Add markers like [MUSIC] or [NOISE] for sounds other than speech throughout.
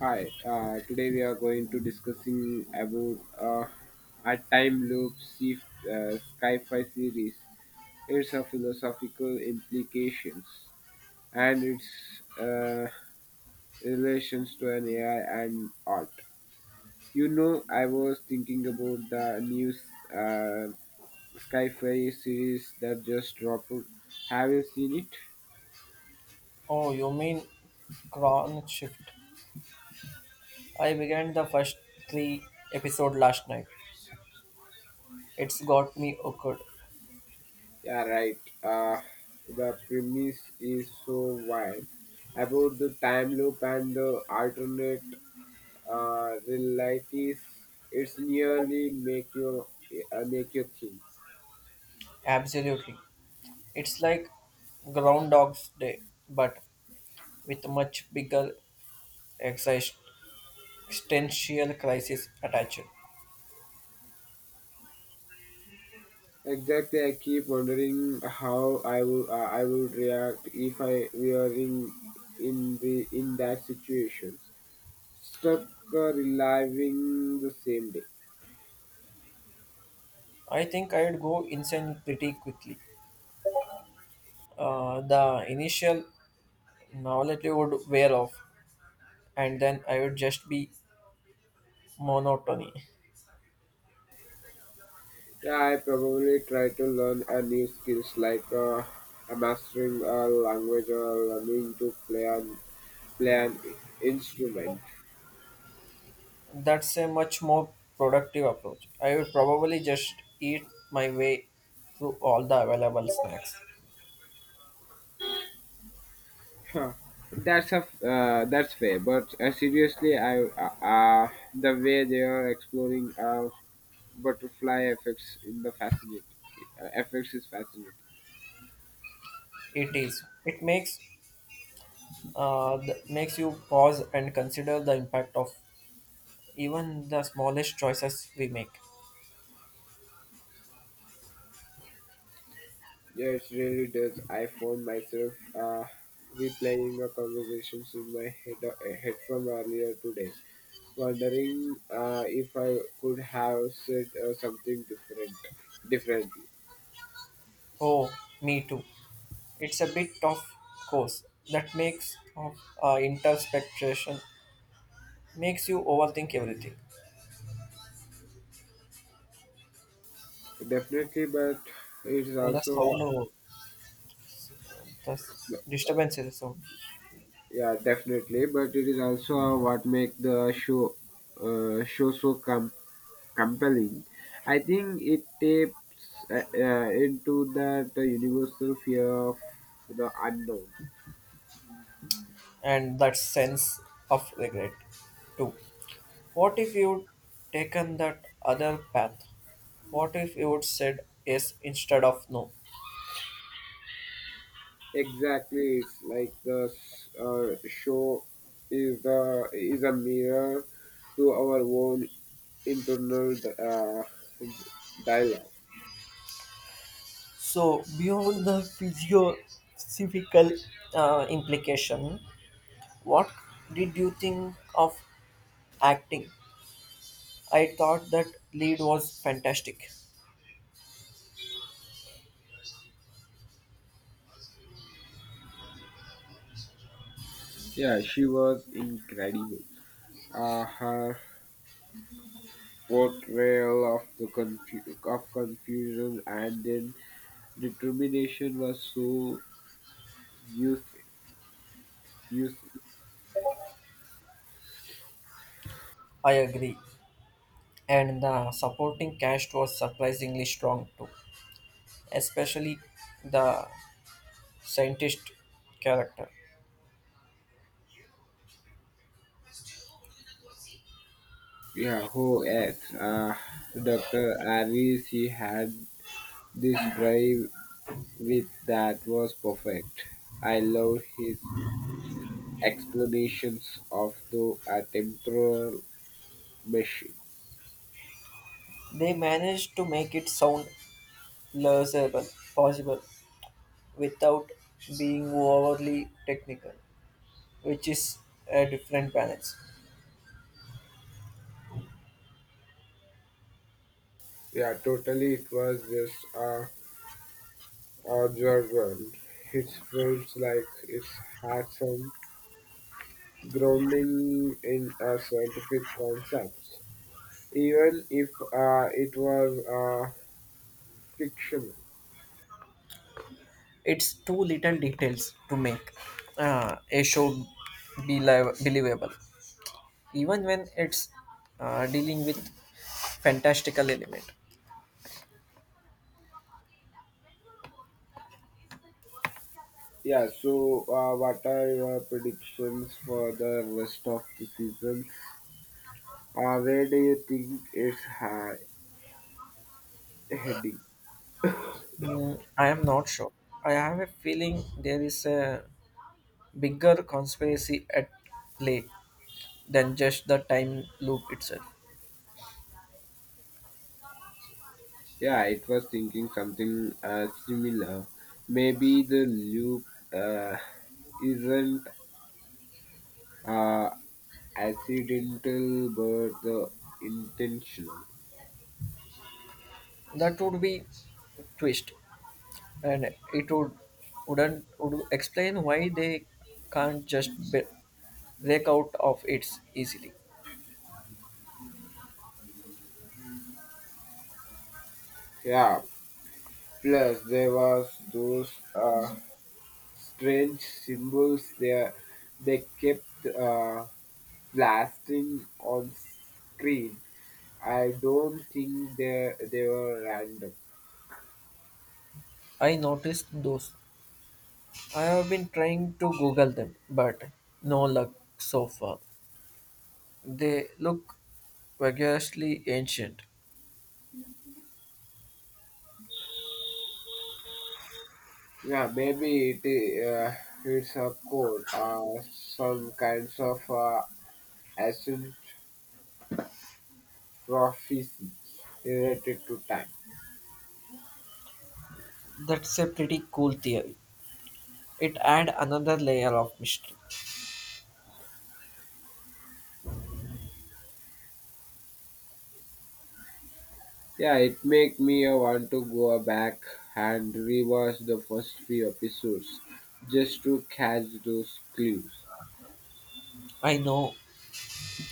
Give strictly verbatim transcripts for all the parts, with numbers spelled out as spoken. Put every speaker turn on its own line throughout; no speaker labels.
Hi, uh, today we are going to discussing about uh, a time loop sci- uh, sci-fi series. Its a philosophical implications and its uh, relations to an A I and art. You know, I was thinking about the new uh, sci-fi series that just dropped. Have you seen it?
Oh, you mean Crown Shift? I began the first three episode last night. It's got me hooked.
Yeah, right. Uh, the premise is so wild about the time loop and the alternate uh, realities. It's nearly make you uh, make you think.
Absolutely. It's like Groundhog's Day, but with much bigger exis- existential crisis attached.
Exactly, I keep wondering how I would uh, I would react if I were in in the in that situation, stuck uh, reliving the same day.
I think I'd go insane pretty quickly. Uh, the initial novelty would wear off, and then I would just be monotony.
Yeah, I probably try to learn a new skills like uh, mastering a language or learning to play an play an instrument.
That's a much more productive approach. I would probably just eat my way through all the available snacks.
Huh. That's a f- uh, that's fair, but uh, seriously, I uh, uh, the way they are exploring uh, butterfly effects in the fascinating uh, effects is fascinating.
It is. It makes uh th- makes you pause and consider the impact of even the smallest choices we make.
Yeah, it really does. I found myself uh, replaying a conversations in my head, uh, head from earlier today, wondering uh, if I could have said uh, something different, differently.
Oh, me too. It's a bit of course that makes of uh, introspection makes you overthink everything.
Definitely, but it is
Oh, that's how
also
no, that's disturbances
yeah, definitely, but it is also what make the show uh, show so com- compelling. I think it taps uh, uh, into that uh, universal fear of the unknown.
and that sense of regret too. What if you'd taken that other path? What if you'd said yes instead of no?
Exactly, it's like the s- uh, show is the is a mirror to our own internal uh, dialogue.
So, beyond the physiophysical uh, implication, what did you think of acting? I thought that lead was fantastic.
Yeah, she was incredible. Uh, her portrayal of the confu- of confusion and then determination was so useful. useful.
I agree. And the supporting cast was surprisingly strong too, especially the scientist character.
Yeah, who else? Uh, Doctor Ari, she had this drive with that was perfect. I love his explanations of the uh, temporal machine.
They managed to make it sound legible possible without being overly technical, which is a different balance.
Yeah, totally. It was just a absurd one. It felt like it had some grounding in a scientific concept, even if uh, it was uh, fictional.
It's too little details to make uh, a show belie- believable, even when it's uh, dealing with fantastical element.
Yeah. So, uh, what are your predictions for the rest of the season? Uh, where do you think it's ha- heading?
Mm, I am not sure. I have a feeling there is a bigger conspiracy at play than just the time loop itself.
Yeah, it was thinking something uh, similar. Maybe the loop uh, isn't uh, accidental but the intentional.
That would be twist, and it would wouldn't would explain why they can't just be- break out of it easily.
Yeah. Plus there was those uh, strange symbols there they kept uh, blasting on screen. I don't think they they were random.
I noticed those. I have been trying to Google them, but no luck so far. They look vigorously ancient.
Yeah, maybe it i- uh, it's a code, uh, some kinds of uh, ancient prophecy related to time.
That's a pretty cool theory. It adds another layer of mystery.
Yeah, it make me uh, want to go back and rewatch the first few episodes just to catch those clues.
I know,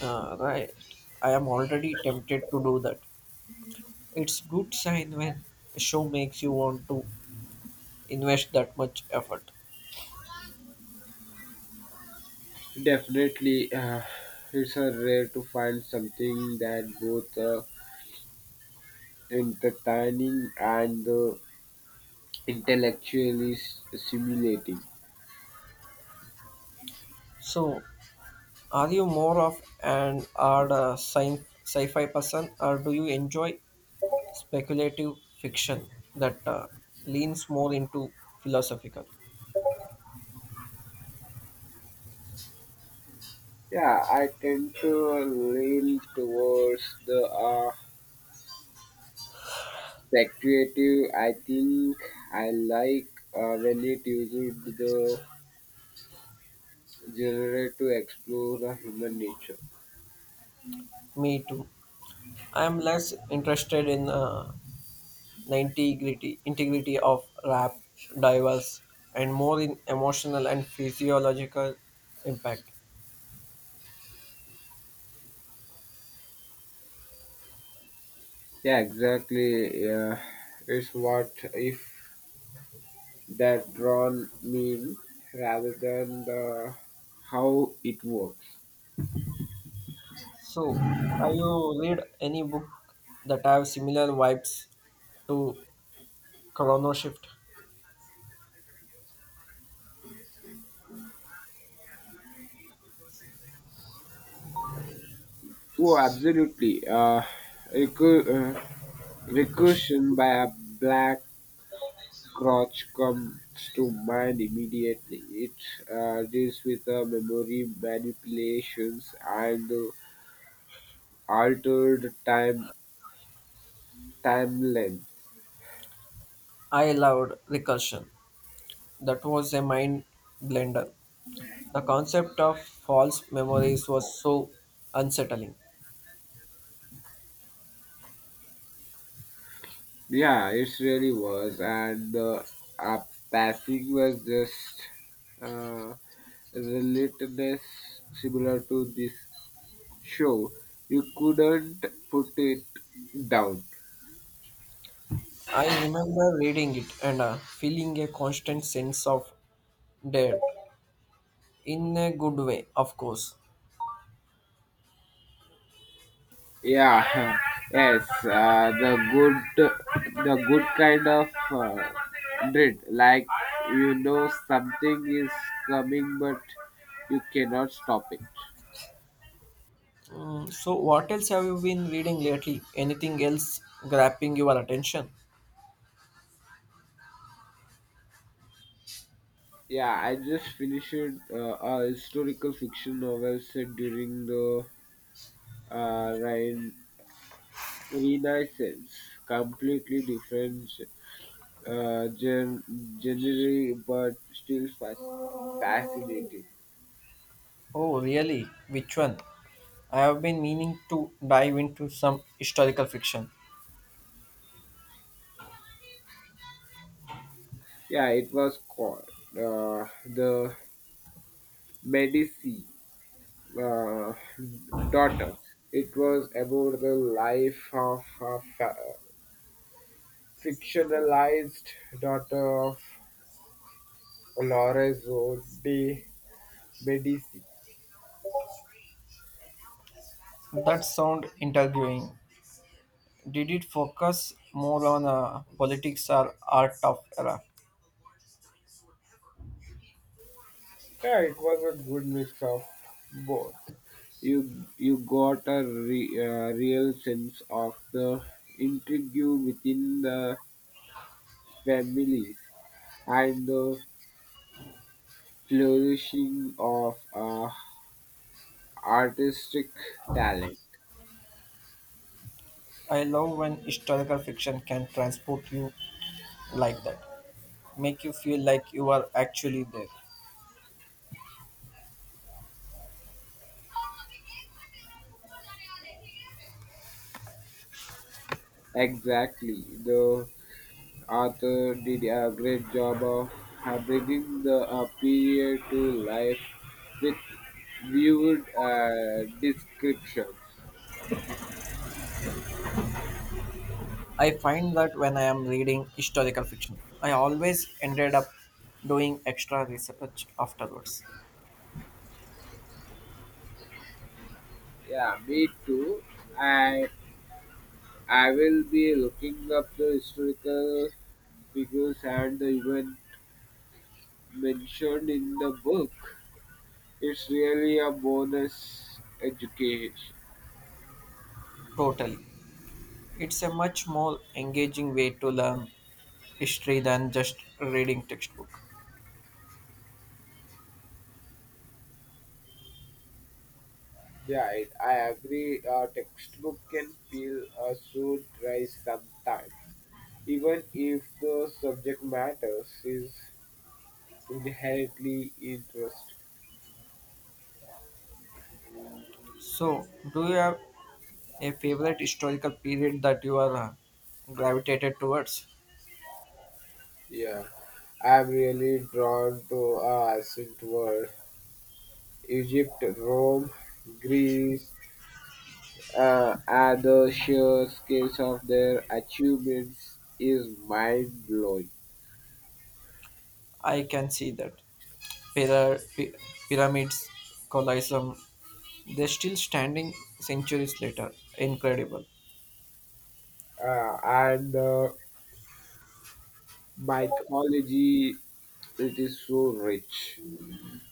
uh, right? I am already tempted to do that. It's good sign when a show makes you want to invest that much effort.
Definitely, uh, it's uh, rare to find something that both uh, entertaining and uh, intellectually s- stimulating.
So, are you more of an art uh, sci- sci-fi person, or do you enjoy speculative fiction that uh, leans more into philosophical?
Yeah, I tend to lean towards the uh, speculative. I think I like uh, when it uses the genre to explore the human nature.
Me too. I am less interested in uh, the integrity integrity of rap divers and more in emotional and physiological impact.
Yeah, exactly. Yeah. It's what if that drawn mean rather than the how it works.
So, have you read any book that have similar vibes to chrono shift?
Oh, absolutely. Uh, recu- uh,
Recursion.
Recursion by a black crotch comes to mind immediately. It uh, deals with uh, memory manipulations and uh, altered time timeline.
I loved recursion. That was a mind blender. The concept of false memories was so unsettling.
Yeah, it really was, and the uh, passing was just uh, relentless, similar to this show. You couldn't put it down.
I remember reading it and uh, feeling a constant sense of dread. In a good way, of course.
Yeah, [LAUGHS] yes, uh, the good, the good kind of uh, dread, like you know something is coming, but you cannot stop it.
Mm, so, what else have you been reading lately? Anything else grabbing your attention?
Yeah, I just finished uh, a historical fiction novel set during the uh, Rein- Renaissance. Completely different uh, gen- genre, but still fasc- fascinating.
Oh, really? Which one? I have been meaning to dive into some historical fiction.
Yeah, it was called uh, The Medici uh, Daughter. It was about the life of a fa- fictionalized daughter of Lorenzo di B D C.
That sound intriguing. Did it focus more on uh, politics or art of era?
Yeah, it was a good mix of both. You you got a re- uh, real sense of the intrigue within the families and the flourishing of uh, artistic talent.
I love when historical fiction can transport you like that, make you feel like you are actually there.
Exactly, the author did a great job of uh, bringing the uh, period to life with viewed uh, descriptions.
I find that when I am reading historical fiction, I always ended up doing extra research afterwards.
Yeah, me too. And I will be looking up the historical figures and the event mentioned in the book. It's really a bonus education.
Totally. It's a much more engaging way to learn history than just reading textbook.
Yeah, it, I agree. A textbook can feel uh, so dry sometimes, even if the subject matters is inherently interesting.
So, do you have a favorite historical period that you are uh, gravitated towards?
Yeah, I'm really drawn to a ancient world: Egypt, Rome, Greece, uh, and the sheer scales of their achievements is mind blowing.
I can see that. Pyra- py- Pyramids, Colosseum, they're still standing centuries later. Incredible.
Uh, and uh, mythology, it is so rich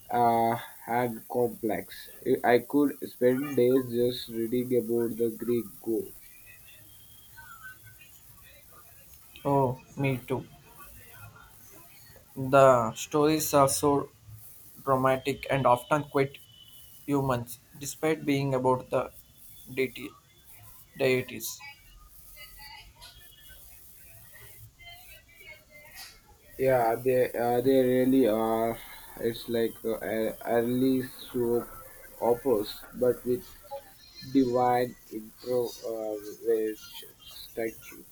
uh, and complex. I I could spend days just reading about the Greek gods.
Oh, me too. The stories are so dramatic and often quite humans, despite being about the deity, deities.
Yeah, they uh, they really are. It's like uh, a- early soap operas, but with divine intervention. Thank you.